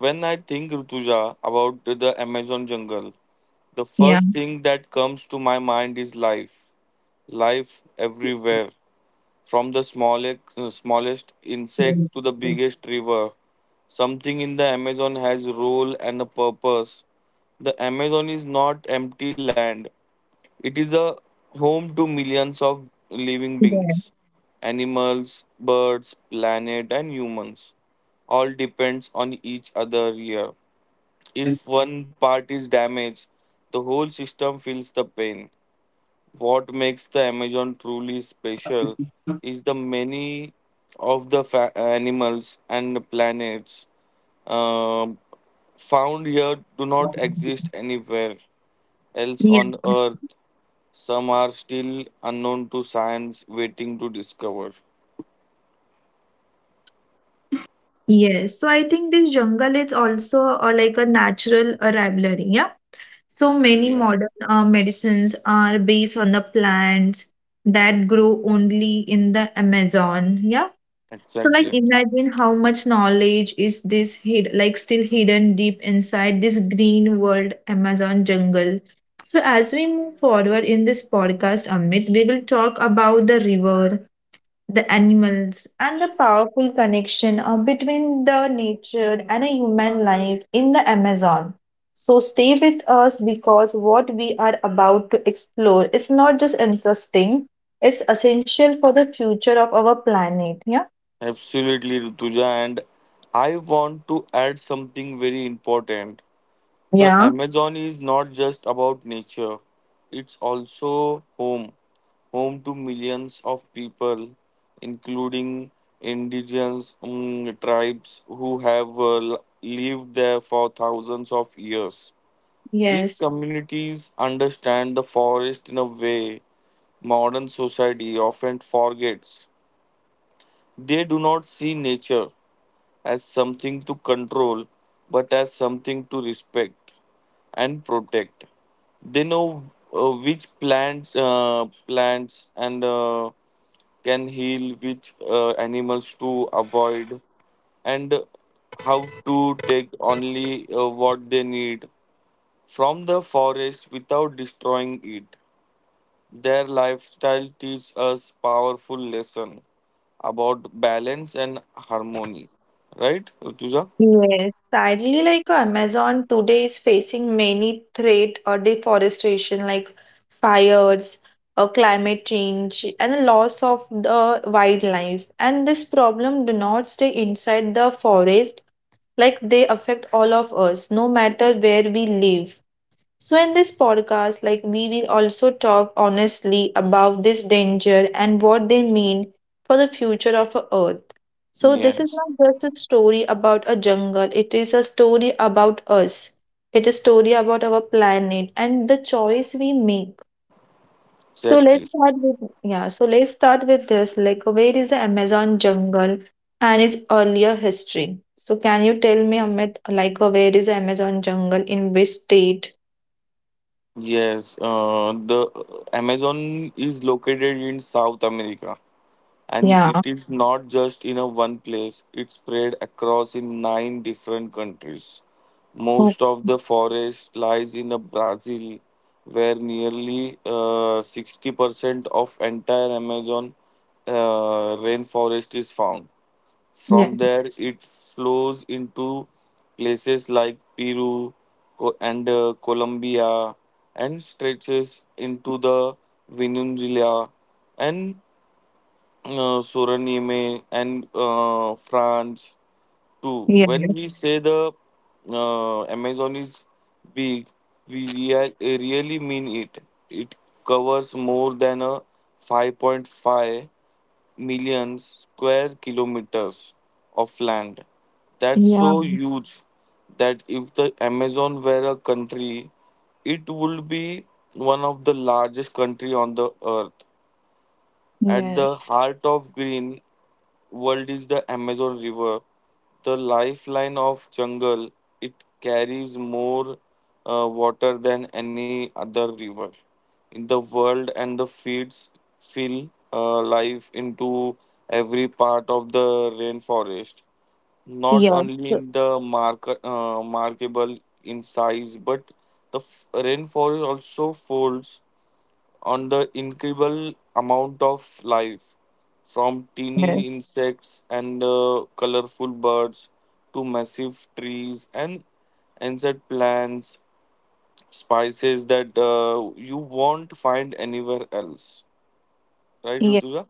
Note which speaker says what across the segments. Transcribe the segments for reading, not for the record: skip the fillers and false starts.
Speaker 1: When I think Rutuja about the Amazon jungle, the
Speaker 2: Yeah.
Speaker 1: first thing that comes to my mind is life. Life everywhere, from the smallest insect to the biggest river. Something in the Amazon has role and a purpose. The Amazon is not empty land. It is a home to millions of living
Speaker 2: Yeah.
Speaker 1: beings, animals, birds, planet, and humans. All depends on each other here. If one part is damaged, the whole system feels the pain. What makes the Amazon truly special is the many of the animals and the planets um found here do not exist anywhere else
Speaker 2: Yeah.
Speaker 1: on Earth. Some are still unknown to science, waiting to discover.
Speaker 2: Yes. So I think this jungle is also like a natural rivalry. Yeah. So many
Speaker 1: Yes,
Speaker 2: modern medicines are based on the plants that grow only in the Amazon. Yeah. So like
Speaker 1: exactly.
Speaker 2: imagine how much knowledge is this hid like still hidden deep inside this green world Amazon jungle. So as we move forward in this podcast, Amit, we will talk about the river, the animals and the powerful connection between the nature and a human life in the Amazon. So stay with us because what we are about to explore is not just interesting, it's essential for the future of our planet. Yeah.
Speaker 1: Absolutely, Rutuja. And I want to add something very important. The
Speaker 2: Yeah.
Speaker 1: Amazon is not just about nature, it's also home. Home to millions of people, including indigenous tribes who have lived there for thousands of years. These
Speaker 2: Yes.
Speaker 1: communities understand the forest in a way modern society often forgets. They do not see nature as something to control, but as something to respect and protect. They know which plants and can heal, which animals to avoid, and how to take only what they need from the forest without destroying it. Their lifestyle teaches us powerful lesson about balance and harmony. Right, Rutuja?
Speaker 2: Yes, sadly, like Amazon today is facing many threat or deforestation, like fires, or climate change, and the loss of the wildlife. And this problem do not stay inside the forest, like they affect all of us, no matter where we live. So, in this podcast, like we will also talk honestly about this danger and what they mean for the future of our Earth. So, this is
Speaker 1: Yes,
Speaker 2: not just a story about a jungle, it is a story about us. It is a story about our planet and the choice we make. So
Speaker 1: exactly.
Speaker 2: let's start with this. Like where is the Amazon jungle and its earlier history? So can you tell me, Amit, like where is the Amazon jungle in which state?
Speaker 1: Yes, the Amazon is located in South America, and
Speaker 2: Yeah.
Speaker 1: it is not just in a one place. It's spread across in nine different countries. Most of the forest lies in a Brazil, where nearly 60% of entire Amazon rainforest is found.
Speaker 2: Yeah,
Speaker 1: From there it flows into places like Peru, Co- and Colombia, and stretches into the Venezuela and Suranime and France too.
Speaker 2: yeah,
Speaker 1: When we say the Amazon is big, we really mean it. It covers more than a 5.5 million square kilometers of land. That's
Speaker 2: yeah,
Speaker 1: so huge that if the Amazon were a country, it would be one of the largest country on the earth. At
Speaker 2: yeah,
Speaker 1: the heart of green world is the Amazon River, the lifeline of jungle. It carries more water than any other river in the world, and the feeds fill life into every part of the rainforest, not
Speaker 2: yeah,
Speaker 1: only
Speaker 2: so-
Speaker 1: in the markable in size, but the rainforest also folds on the incredible amount of life, from
Speaker 2: yeah.
Speaker 1: teeny insects and colorful birds to massive trees and insect plants spices that you won't find anywhere else. Right,
Speaker 2: Yeah.
Speaker 1: Rutuja?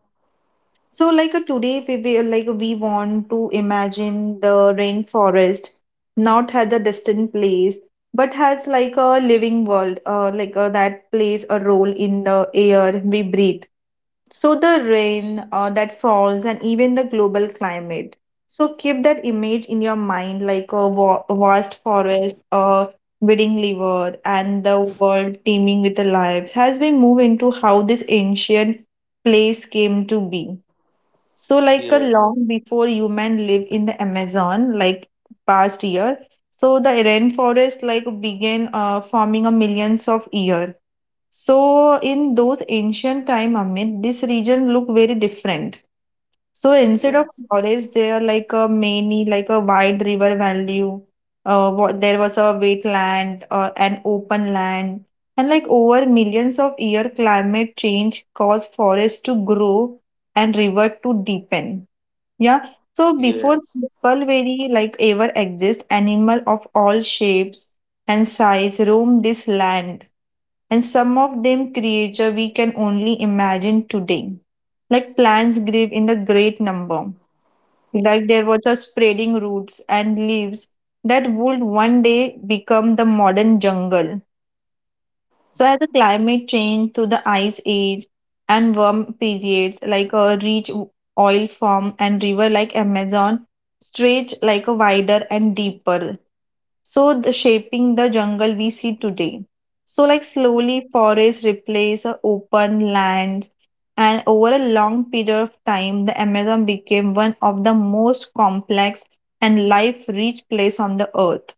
Speaker 2: So, like today, like we want to imagine the rainforest not as a distant place, but has like a living world, that plays a role in the air we breathe. So the rain that falls and even the global climate. So keep that image in your mind like a vast forest, a budding liver, and the world teeming with the lives as we move into how this ancient place came to be. So like a
Speaker 1: yes
Speaker 2: long before human lived in the Amazon, like past year. So the rainforest like began forming a millions of year so in those ancient time, Amit, this region looked very different. So instead of
Speaker 1: yes
Speaker 2: forest, there are like a many, like a wide river valley. There was a wetland, an open land, and like over millions of year, climate change caused forests to grow and river to deepen. Yeah. So before
Speaker 1: yes
Speaker 2: people very like ever exist, animal of all shapes and size roam this land and some of them creature we can only imagine today, like plants grave in the great number, like there was a spreading roots and leaves that would one day become the modern jungle. So as the climate changed to the ice age and warm periods, like a rich oil form and river like amazon stretch like a wider and deeper, so the shaping the jungle we see today. So, like slowly, forests replace open lands, and over a long period of time, the Amazon became one of the most complex and life-rich place on the earth.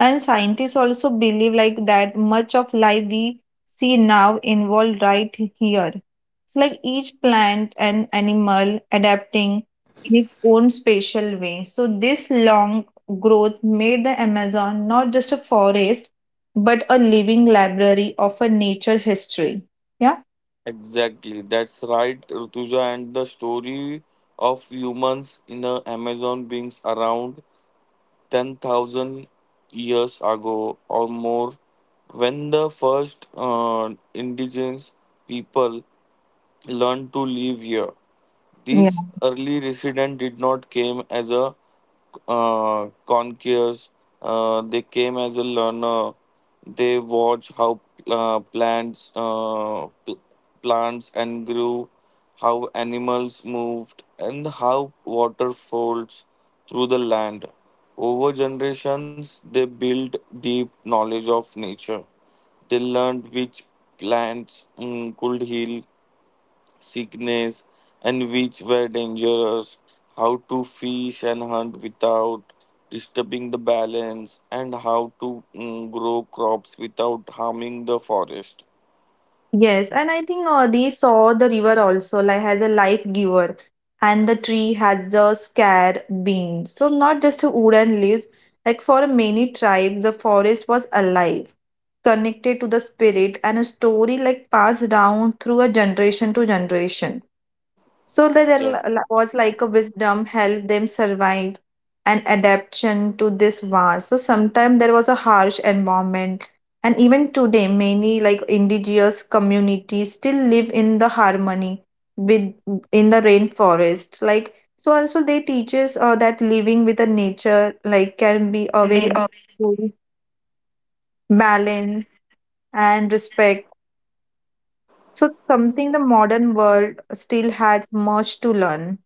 Speaker 2: And scientists also believe like that much of life we see now involved right here. So like each plant and animal adapting in its own special way. So this long growth made the Amazon not just a forest, but a living library of a nature history. Yeah.
Speaker 1: exactly. That's right, Rutuja. And the story of humans in the Amazon beings around 10,000 years ago or more, when the first indigenous people learned to live here. These early residents did not came as a conquerors. They came as a learner. They watch how uh, plants uh, pl- plants and grew, how animals moved, and how water folds through the land. Over generations, they built deep knowledge of nature. They learned which plants could heal sickness, and which were dangerous, how to fish and hunt without disturbing the balance, and how to grow crops without harming the forest.
Speaker 2: Yes, and I think they saw the river also like as a life giver, and the tree has a scarred being. So not just a wooden leaves. Like for many tribes, the forest was alive, connected to the spirit, and a story like passed down through a generation to generation. So that
Speaker 1: Exactly.
Speaker 2: there was like a wisdom help them survive and adaptation to this war. So sometimes there was a harsh environment. And even today, many like indigenous communities still live in the harmony with in the rainforest. Like so also they teaches that living with the nature like can be a very beautiful balance and respect. So something the modern world still has much to learn.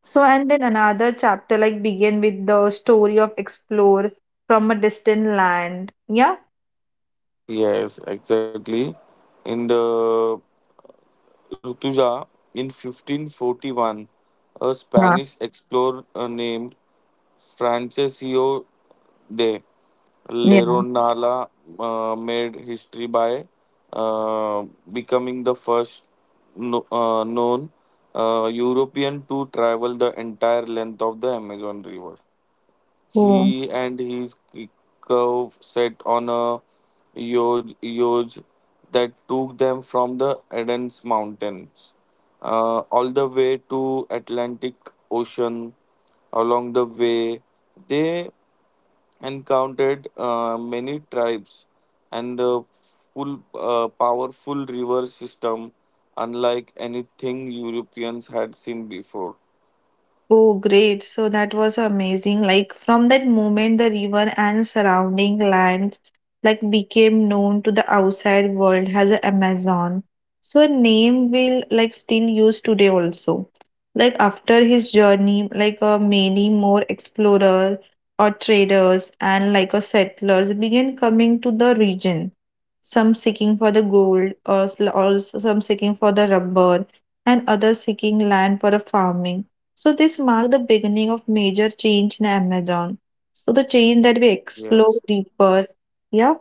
Speaker 2: So, and then another chapter like begin with the story of explore from a distant land. Yeah.
Speaker 1: Yes, exactly. In the Rutuja, in 1541, a
Speaker 2: Yeah.
Speaker 1: Spanish explorer named Francisco day.
Speaker 2: Yeah.
Speaker 1: Leronala made history by uh, becoming the first no, known European to travel the entire length of the Amazon River.
Speaker 2: Oh.
Speaker 1: He and his curve set on a Yoj that took them from the Eden's mountains all the way to Atlantic Ocean. Along the way, they and counted many tribes and the full powerful river system, unlike anything Europeans had seen before.
Speaker 2: Oh, great. So that was amazing. Like from that moment, the river and surrounding lands like became known to the outside world as the Amazon. So a name will like still used today also. Like after his journey, like many more explorer or traders and like settlers began coming to the region. Some seeking for the gold, or also some seeking for the rubber, and others seeking land for a farming, so this marked the beginning of major change in Amazon. So the change that we
Speaker 1: Yes,
Speaker 2: explore deeper. Yeah.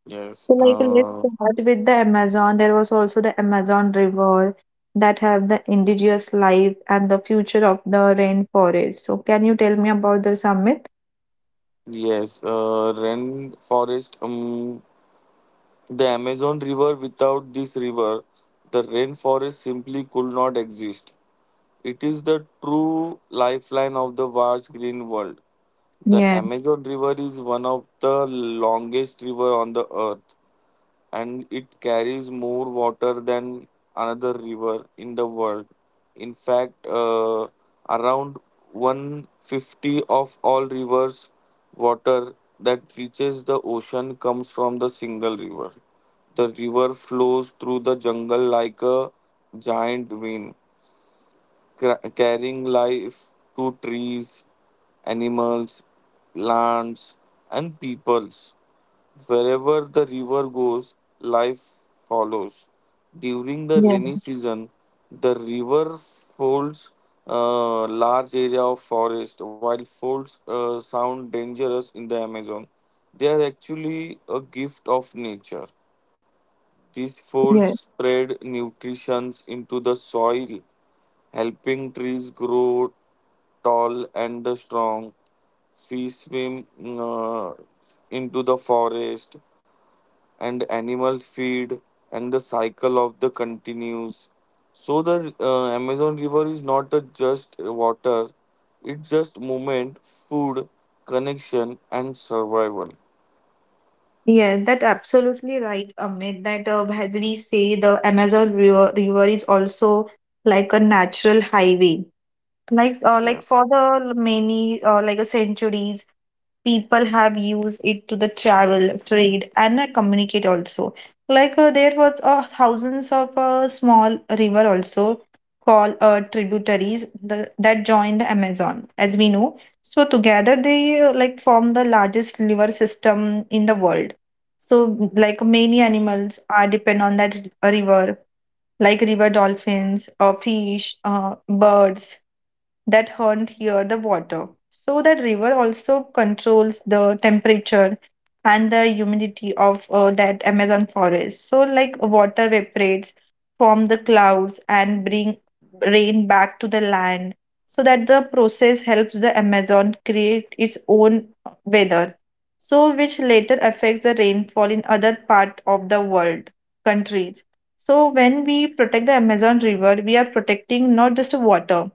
Speaker 1: yes,
Speaker 2: So like let's
Speaker 1: uh,
Speaker 2: start with the Amazon. There was also the Amazon River that have the indigenous life and the future of the rainforest. So can you tell me about the summit?
Speaker 1: yes. Rainforest. The Amazon River. Without this river, the rainforest simply could not exist. It is the true lifeline of the vast green world. The
Speaker 2: Yeah,
Speaker 1: Amazon River is one of the longest river on the earth, and it carries more water than another river in the world. In fact, around 150 of all rivers' water that reaches the ocean comes from the single river. The river flows through the jungle like a giant vein, carrying life to trees, animals, plants, and peoples. Wherever the river goes, life follows. During the
Speaker 2: yeah,
Speaker 1: rainy season, the river folds a large area of forest, while folds sound dangerous in the Amazon. They are actually a gift of nature. These folds
Speaker 2: yeah.
Speaker 1: spread nutrition into the soil, helping trees grow tall and strong. Fish swim into the forest, and animal feed and the cycle of the continues. So the Amazon river is not a just water, it's just movement, food, connection, and survival.
Speaker 2: Yeah, that absolutely right, Amit. That as we say, the river is also like a natural highway. Like
Speaker 1: Yes.
Speaker 2: for the many, like a centuries, people have used it to the travel, trade, and communicate also. Like there was thousands of small river also called tributaries the, that join the Amazon, as we know. So together they like form the largest river system in the world. So like many animals are depend on that river, like river dolphins, fish, birds that hunt here the water. So that river also controls the temperature and the humidity of that Amazon forest. So like water evaporates from the clouds and bring rain back to the land. So that the process helps the Amazon create its own weather. So which later affects the rainfall in other part of the world countries. So when we protect the Amazon river, we are protecting not just water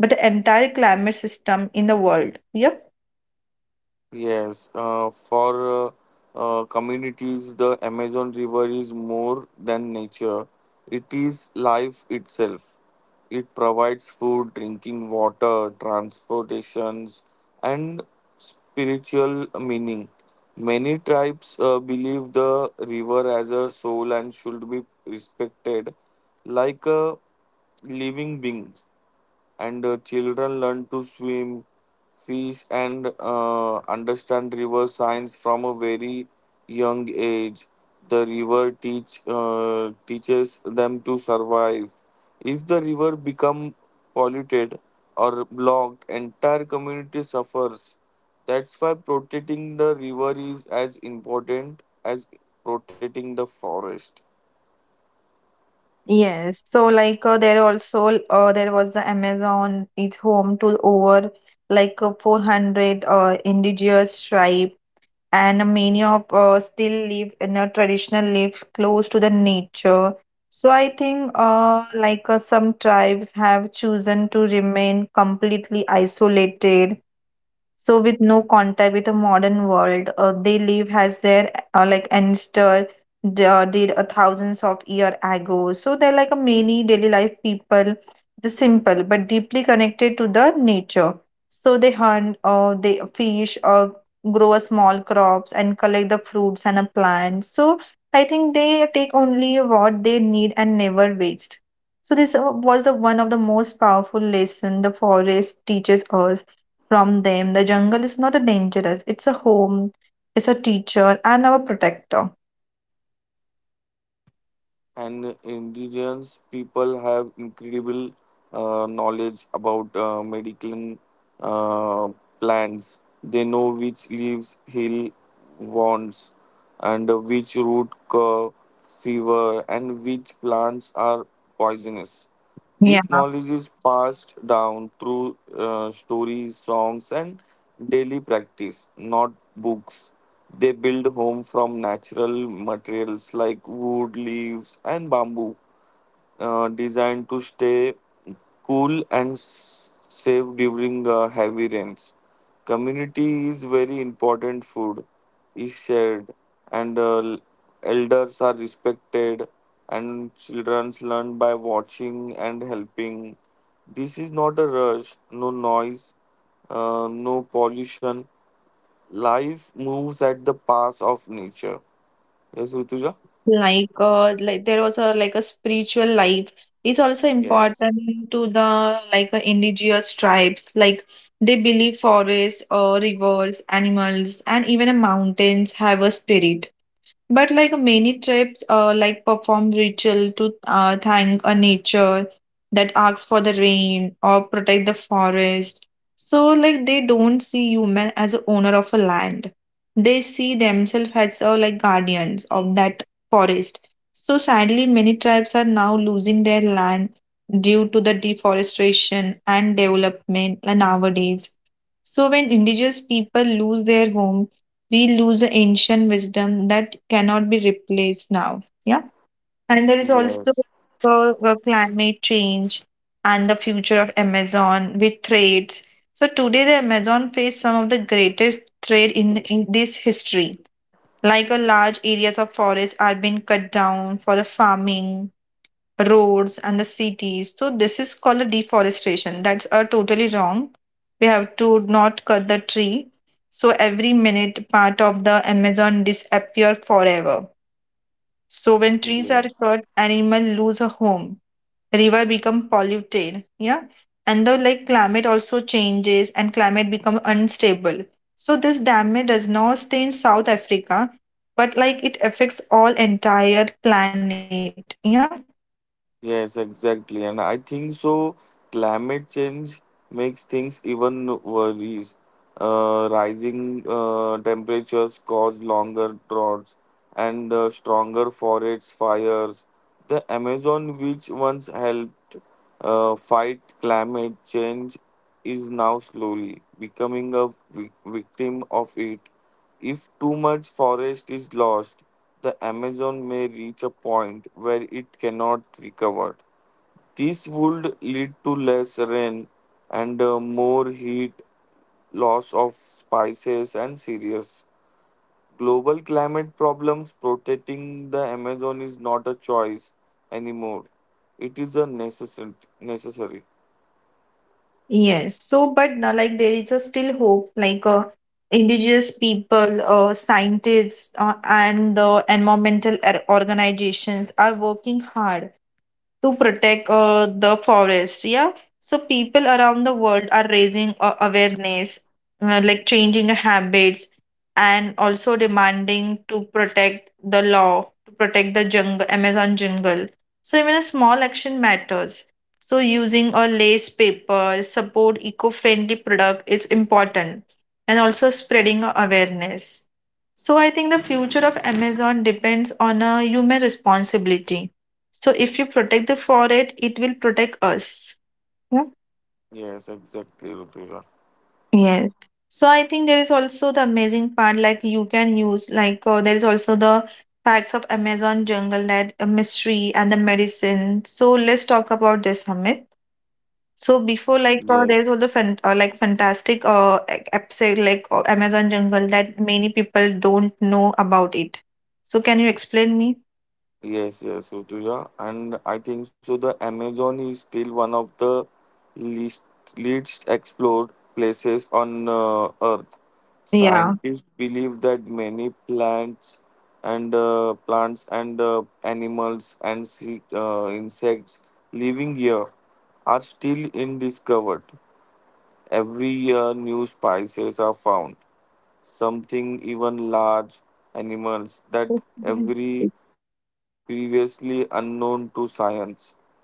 Speaker 2: but the entire climate system in the world. Yep.
Speaker 1: Yes, for communities, the Amazon River is more than nature. It is life itself. It provides food, drinking water, transportations, and spiritual meaning. Many tribes believe the river as a soul and should be respected like a living being. And children learn to swim, fish, and understand river science from a very young age. The river teach teaches them to survive. If the river become polluted or blocked, entire community suffers. That's why protecting the river is as important as protecting the forest.
Speaker 2: Yes, so like there was the Amazon, it's home to over 400 indigenous tribe and many of still live in a traditional life close to the nature. So I think some tribes have chosen to remain completely isolated, so with no contact with the modern world they live as their like ancestor did a thousands of year ago. So they're like a many daily life people, the simple but deeply connected to the nature. So they hunt, they fish, grow a small crops and collect the fruits and a plants. So I think they take only what they need and never waste. So this was the one of the most powerful lesson the forest teaches us from them. The jungle is not a dangerous, it's a home, it's a teacher, and our protector.
Speaker 1: And indigenous people have incredible knowledge about medical uh, plants. They know which leaves heal wounds, and which root cure fever, and which plants are poisonous.
Speaker 2: Yeah.
Speaker 1: This knowledge is passed down through stories, songs, and daily practice, not books. They build home from natural materials like wood, leaves, and bamboo, designed to stay cool and safe during heavy rains. Community is very important. Food is shared, and elders are respected, and children learn by watching and helping. This is not a rush, no noise, no pollution. Life moves at the pace of nature. Yes, Rituja?
Speaker 2: Like there was a like a spiritual life. It's also
Speaker 1: Yes,
Speaker 2: important to the like indigenous tribes. Like they believe forests or rivers, animals, and even a mountains have a spirit. But like many tribes, like perform ritual to thank a nature that asks for the rain or protect the forest. So like they don't see human as a owner of a land. They see themselves as like guardians of that forest. So sadly, many tribes are now losing their land due to the deforestation and development nowadays. So when indigenous people lose their home, we lose the ancient wisdom that cannot be replaced now. Yeah. And there is also
Speaker 1: yes,
Speaker 2: climate change and the future of Amazon with trades. So today, the Amazon face some of the greatest trade in this history. Like a large areas of forest are being cut down for the farming, roads and the cities. So this is called a deforestation. That's totally wrong. We have to not cut the tree. So every minute, part of the Amazon disappear forever. So when trees are
Speaker 1: yes.
Speaker 2: cut, animal lose a home. River become polluted. Yeah, and the like climate also changes and climate become unstable. So this damage does not stay in South Africa, but like it affects all entire planet. Yeah.
Speaker 1: Yes, exactly. And I think so climate change makes things even worse. Rising temperatures cause longer droughts and stronger forest fires. The Amazon, which once helped fight climate change, is now slowly becoming a victim of it. If too much forest is lost, the Amazon may reach a point where it cannot recover. This would lead to less rain and more heat, loss of spices, and serious global climate problems. Protecting the Amazon is not a choice anymore, it is a necessary.
Speaker 2: Yes. So, but now, like there is a still hope, like indigenous people, scientists, and the environmental organizations are working hard to protect the forest. Yeah. So people around the world are raising awareness, like changing habits, and also demanding to protect the law, to protect the jungle, Amazon jungle. So even a small action matters. So using a lace paper, support eco-friendly product is important, and also spreading awareness. So I think the future of Amazon depends on a human responsibility, so if you protect the forest, it will protect us. Yeah.
Speaker 1: Yes, exactly, Rutuja.
Speaker 2: Yes. So I think there is also the amazing part, like you can use, like there is also the facts of Amazon jungle, that mystery and the medicine. So let's talk about this, Amit. So before, like
Speaker 1: Yes.
Speaker 2: there is all the like fantastic episode, like Amazon jungle that many people don't know about it. So can you explain me?
Speaker 1: Yes, Rutuja, and I think so the Amazon is still one of the least least explored places on Earth.
Speaker 2: Yeah.
Speaker 1: Scientists believe that many plants and animals and insects living here are still undiscovered. Every year, new species are found, something even large animals that every previously unknown to science.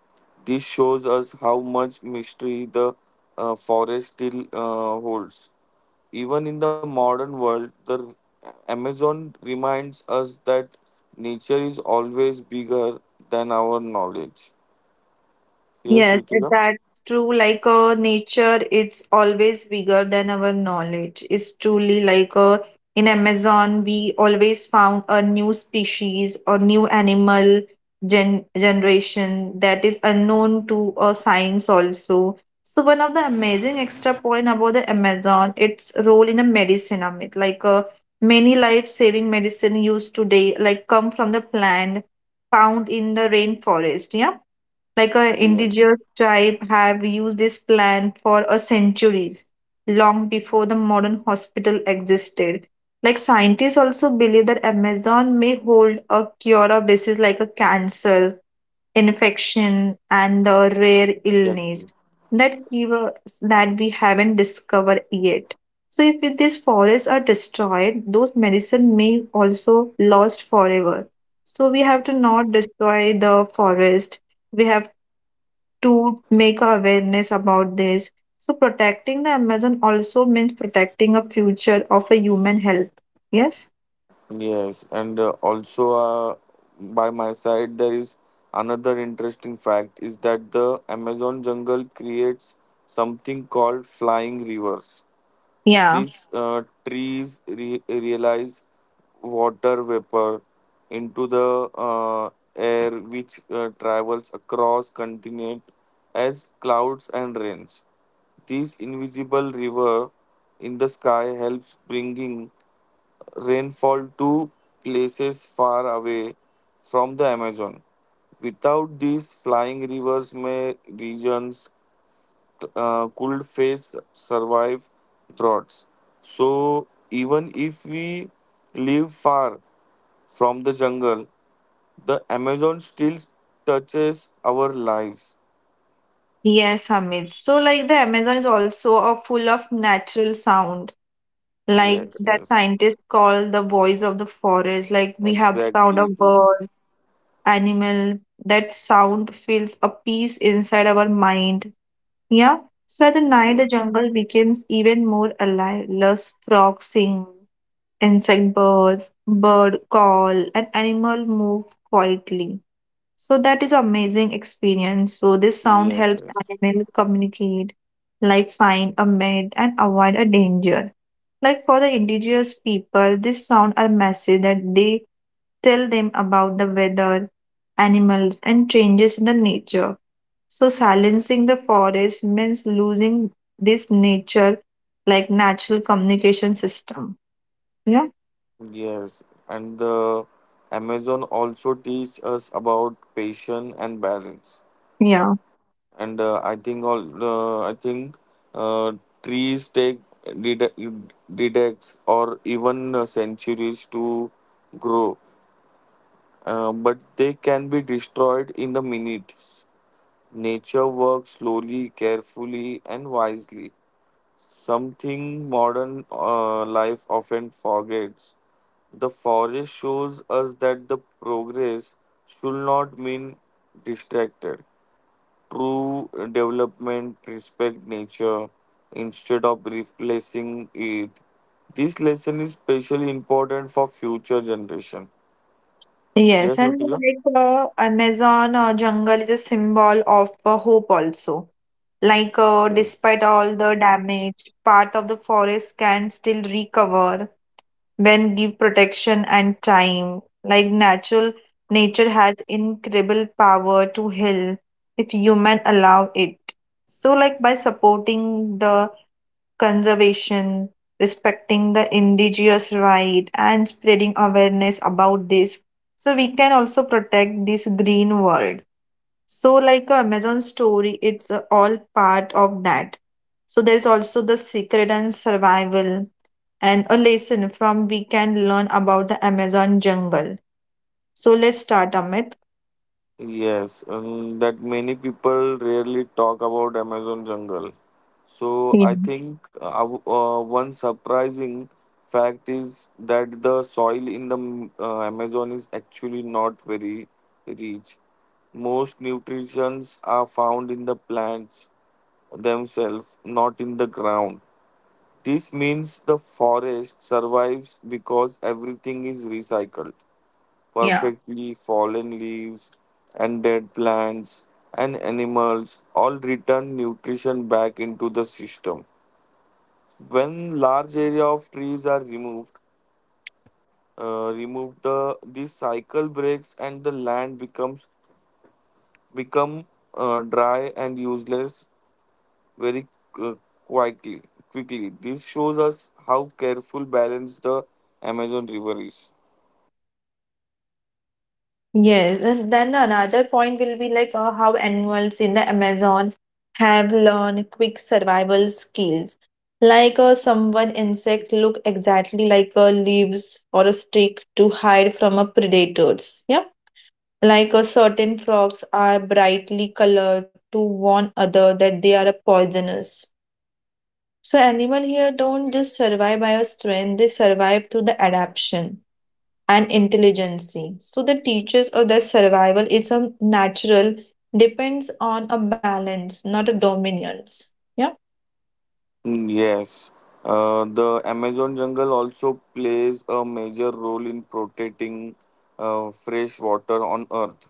Speaker 1: This shows us how much mystery the forest still holds. Even in the modern world, the Amazon reminds us that nature is always bigger than our knowledge. Yes,
Speaker 2: Yes,
Speaker 1: Rutika?
Speaker 2: that's true. Like nature, it's always bigger than our knowledge. It's truly like in Amazon, we always found a new species or new animal generation that is unknown to science also. So one of the amazing extra point about the Amazon, its role in a medicine, Amit. Like many life-saving medicine used today, like come from the plant found in the rainforest. Yeah, like a
Speaker 1: Yes,
Speaker 2: indigenous tribe have used this plant for a centuries, long before the modern hospital existed. Like scientists also believe that Amazon may hold a cure of disease like a cancer, infection, and the rare illness,
Speaker 1: exactly.
Speaker 2: that cures that we haven't discovered yet. So if these forests are destroyed, those medicine may also lost forever. So we have to not destroy the forest. We have to make awareness about this. So protecting the Amazon also means protecting a future of a human health. Yes?
Speaker 1: Yes, and also By my side, there is another interesting fact is that the Amazon jungle creates something called flying rivers.
Speaker 2: Yeah.
Speaker 1: These trees realize water vapor into the air, which travels across continent as clouds and rains. This invisible river in the sky helps bringing rainfall to places far away from the Amazon. Without these flying rivers, may regions could face survive droughts. So even if we live far from the jungle, the Amazon still touches our lives.
Speaker 2: Yes, Hamid. So like the Amazon is also a full of natural sound, like
Speaker 1: Yes,
Speaker 2: that
Speaker 1: yes,
Speaker 2: scientists call the voice of the forest. Like we have the sound
Speaker 1: exactly.
Speaker 2: of
Speaker 1: True.
Speaker 2: birds, animal. That sound feels a peace inside our mind. Yeah. So at the night, the
Speaker 1: Yes,
Speaker 2: jungle becomes even more alive. Less frogs sing, insect birds, bird call, and animal move quietly. So that is amazing experience. So this sound
Speaker 1: yes,
Speaker 2: helps
Speaker 1: yes.
Speaker 2: animal communicate, like find a mate and avoid a danger. Like for the indigenous people, this sound are message that they tell them about the weather, animals, and changes in the nature. So silencing the forest means losing this nature, like natural communication system. Yeah.
Speaker 1: Yes, and the Amazon also teach us about patience and balance.
Speaker 2: Yeah.
Speaker 1: And I think all I think uh, Trees take decades or even centuries to grow, but they can be destroyed in the minutes. Nature works slowly, carefully, and wisely. Something modern life often forgets. The forest shows us that the progress should not mean distracted. True development respect nature instead of replacing it. This lesson is especially important for future generation.
Speaker 2: Yes,
Speaker 1: Yes,
Speaker 2: and
Speaker 1: Rutika?
Speaker 2: like Amazon jungle is a symbol of hope also. Like
Speaker 1: Yes.
Speaker 2: despite all the damage, part of the forest can still recover when give protection and time. Like natural nature has incredible power to heal if human allow it. So like by supporting the conservation, respecting the indigenous right, and spreading awareness about this. So we can also protect this green world. So like a Amazon story, it's all part of that. So there's also the secret and survival and a lesson from we can learn about the Amazon jungle. So let's start, Amit.
Speaker 1: Yes, and that many people rarely talk about Amazon jungle. So I think one surprising fact is that the soil in the Amazon is actually not very rich. Most nutrients are found in the plants themselves, not in the ground. This means the forest survives because everything is recycled
Speaker 2: Yeah.
Speaker 1: perfectly, fallen leaves, and dead plants and animals all return nutrition back into the system. When large area of trees are removed, removed the this cycle breaks and the land becomes become dry and useless very uh, quickly. Quickly, this shows us how careful balanced the Amazon River is.
Speaker 2: Yes, and then another point will be like how animals in the Amazon have learned quick survival skills. Like some one insect look exactly like a leaves or a stick to hide from a predators. Yeah, like certain frogs are brightly colored to warn other that they are a poisonous. So animal here don't just survive by a strength; they survive through the adaptation and intelligence. So the teachers of their survival is a natural, depends on a balance, not a dominance. Yeah.
Speaker 1: Yes, the Amazon jungle also plays a major role in protecting fresh water on Earth.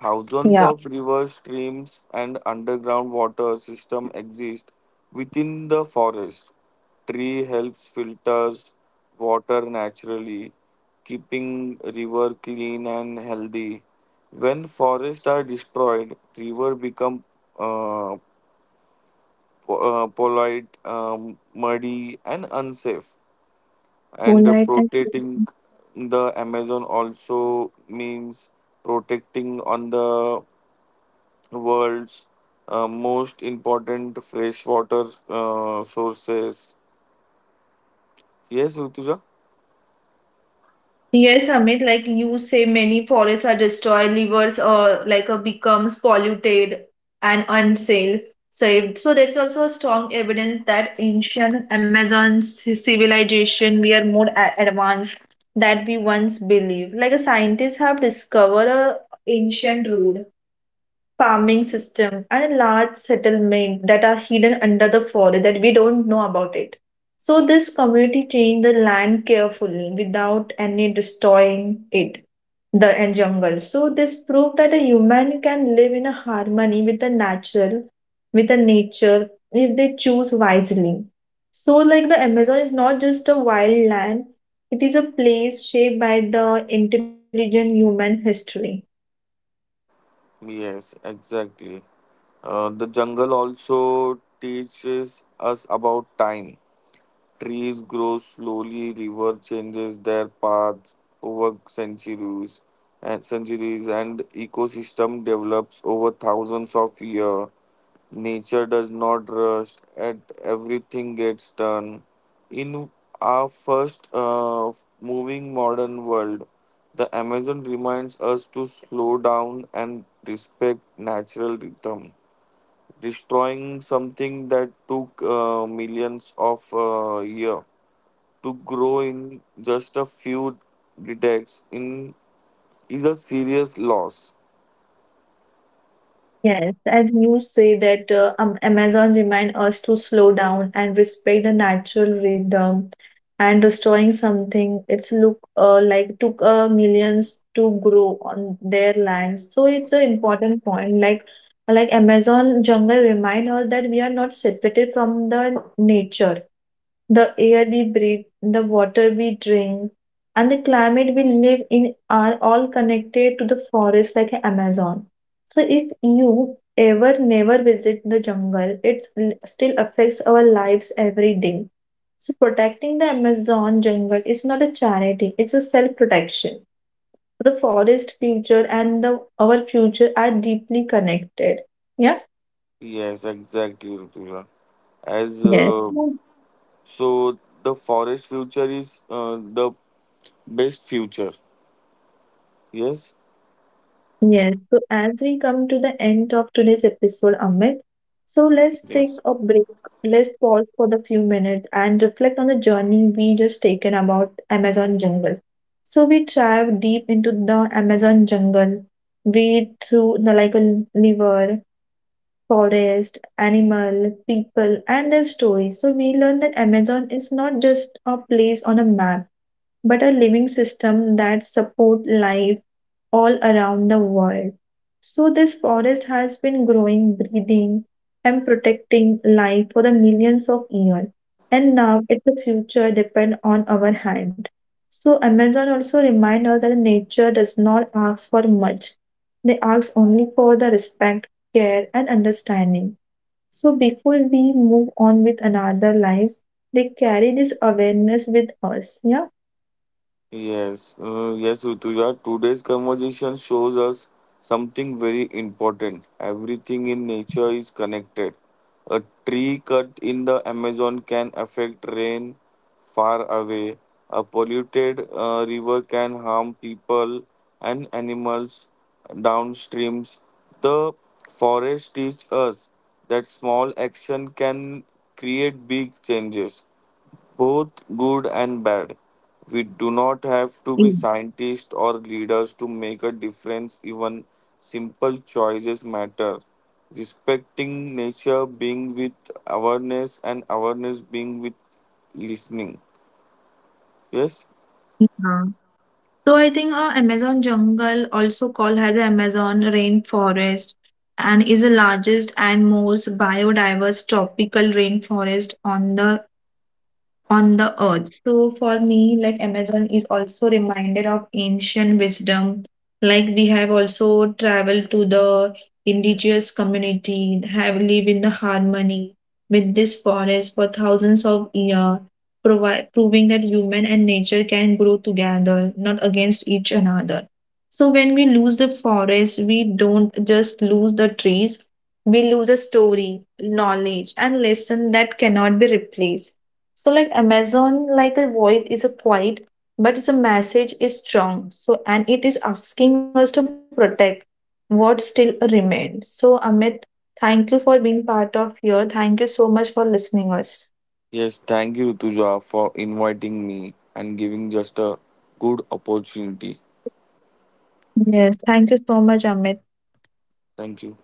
Speaker 1: Thousands
Speaker 2: Yeah,
Speaker 1: of rivers, streams, and underground water system exist within the forest. Tree helps filters water naturally, keeping river clean and healthy. When forests are destroyed, river become uh, polite, muddy, and unsafe.
Speaker 2: whole
Speaker 1: And
Speaker 2: night. I think.
Speaker 1: protecting the Amazon also means protecting on the world's most important freshwater sources. Yes, Rutuja?
Speaker 2: Yes, Amit, like you say, many forests are destroyed, rivers or like becomes polluted and unsafe. So, there is also strong evidence that ancient Amazon civilization we are more advanced that we once believed. Like a scientists have discovered a ancient road, farming system, and a large settlement that are hidden under the forest that we don't know about it. So this community changed the land carefully without any destroying it, the and jungle. So this proved that a human can live in a harmony with the natural, with the nature if they choose wisely. So like the Amazon is not just a wild land, it is a place shaped by the intelligent human history.
Speaker 1: Yes, exactly. The jungle also teaches us about time. Trees grow slowly, river changes their paths over centuries and centuries, and ecosystem develops over thousands of years. Nature does not rush and everything gets done. In our first moving modern world, the Amazon reminds us to slow down and respect natural rhythm. Destroying something that took millions of years to grow in just a few decades in is a serious loss.
Speaker 2: Yes, as you say that Amazon remind us to slow down and respect the natural rhythm and destroying something it's look like took millions to grow on their land. So it's an important point, like Amazon jungle remind us that we are not separated from the nature. The air we breathe, the water we drink, and the climate we live in are all connected to the forest like Amazon, so if you ever never visit the jungle, it still affects our lives every day. So protecting the Amazon jungle is not a charity, it's a self-protection. The forest future and the our future are deeply connected. Yeah.
Speaker 1: Yes, exactly, Rutuja. As
Speaker 2: Yes.
Speaker 1: So, the forest future is the best future. Yes.
Speaker 2: Yes, so as we come to the end of today's episode, Amit, so let's take
Speaker 1: Yes.
Speaker 2: a break. Let's pause for the few minutes and reflect on the journey we just taken about Amazon jungle. So we dive deep into the Amazon jungle. We through the like a river, forest, animal, people, and their stories. So we learn that Amazon is not just a place on a map but a living system that support life all around the world. So this forest has been growing, breathing, and protecting life for the millions of years. And now it's the future depend on our hand. So Amazon also remind us that nature does not ask for much. They ask only for the respect, care, and understanding. So before we move on with another lives, they carry this awareness with us. Yeah.
Speaker 1: Yes, Rutuja. Today's conversation shows us something very important. Everything in nature is connected. A tree cut in the Amazon can affect rain far away. A polluted river can harm people and animals downstreams. The forest teach us that small action can create big changes, both good and bad. We do not have to be scientists or leaders to make a difference, even simple choices matter. Respecting nature, being with awareness, and awareness being with listening. Yes?
Speaker 2: Yeah. So I think Amazon jungle, also called as Amazon rainforest, and is the largest and most biodiverse tropical rainforest on the earth. So for me, like Amazon is also reminded of ancient wisdom. Like we have also traveled to the indigenous community, have lived in the harmony with this forest for thousands of years, proving that human and nature can grow together, not against each another. So when we lose the forest, we don't just lose the trees, we lose a story, knowledge, and lesson that cannot be replaced. So like Amazon, like a voice is a quiet, but the message is strong. So and it is asking us to protect what still remains. So Amit, thank you for being part of here. Thank you so much for listening us.
Speaker 1: Yes, thank you, Tuja, for inviting me and giving just a good opportunity.
Speaker 2: Yes, thank you so much, Amit.
Speaker 1: Thank you.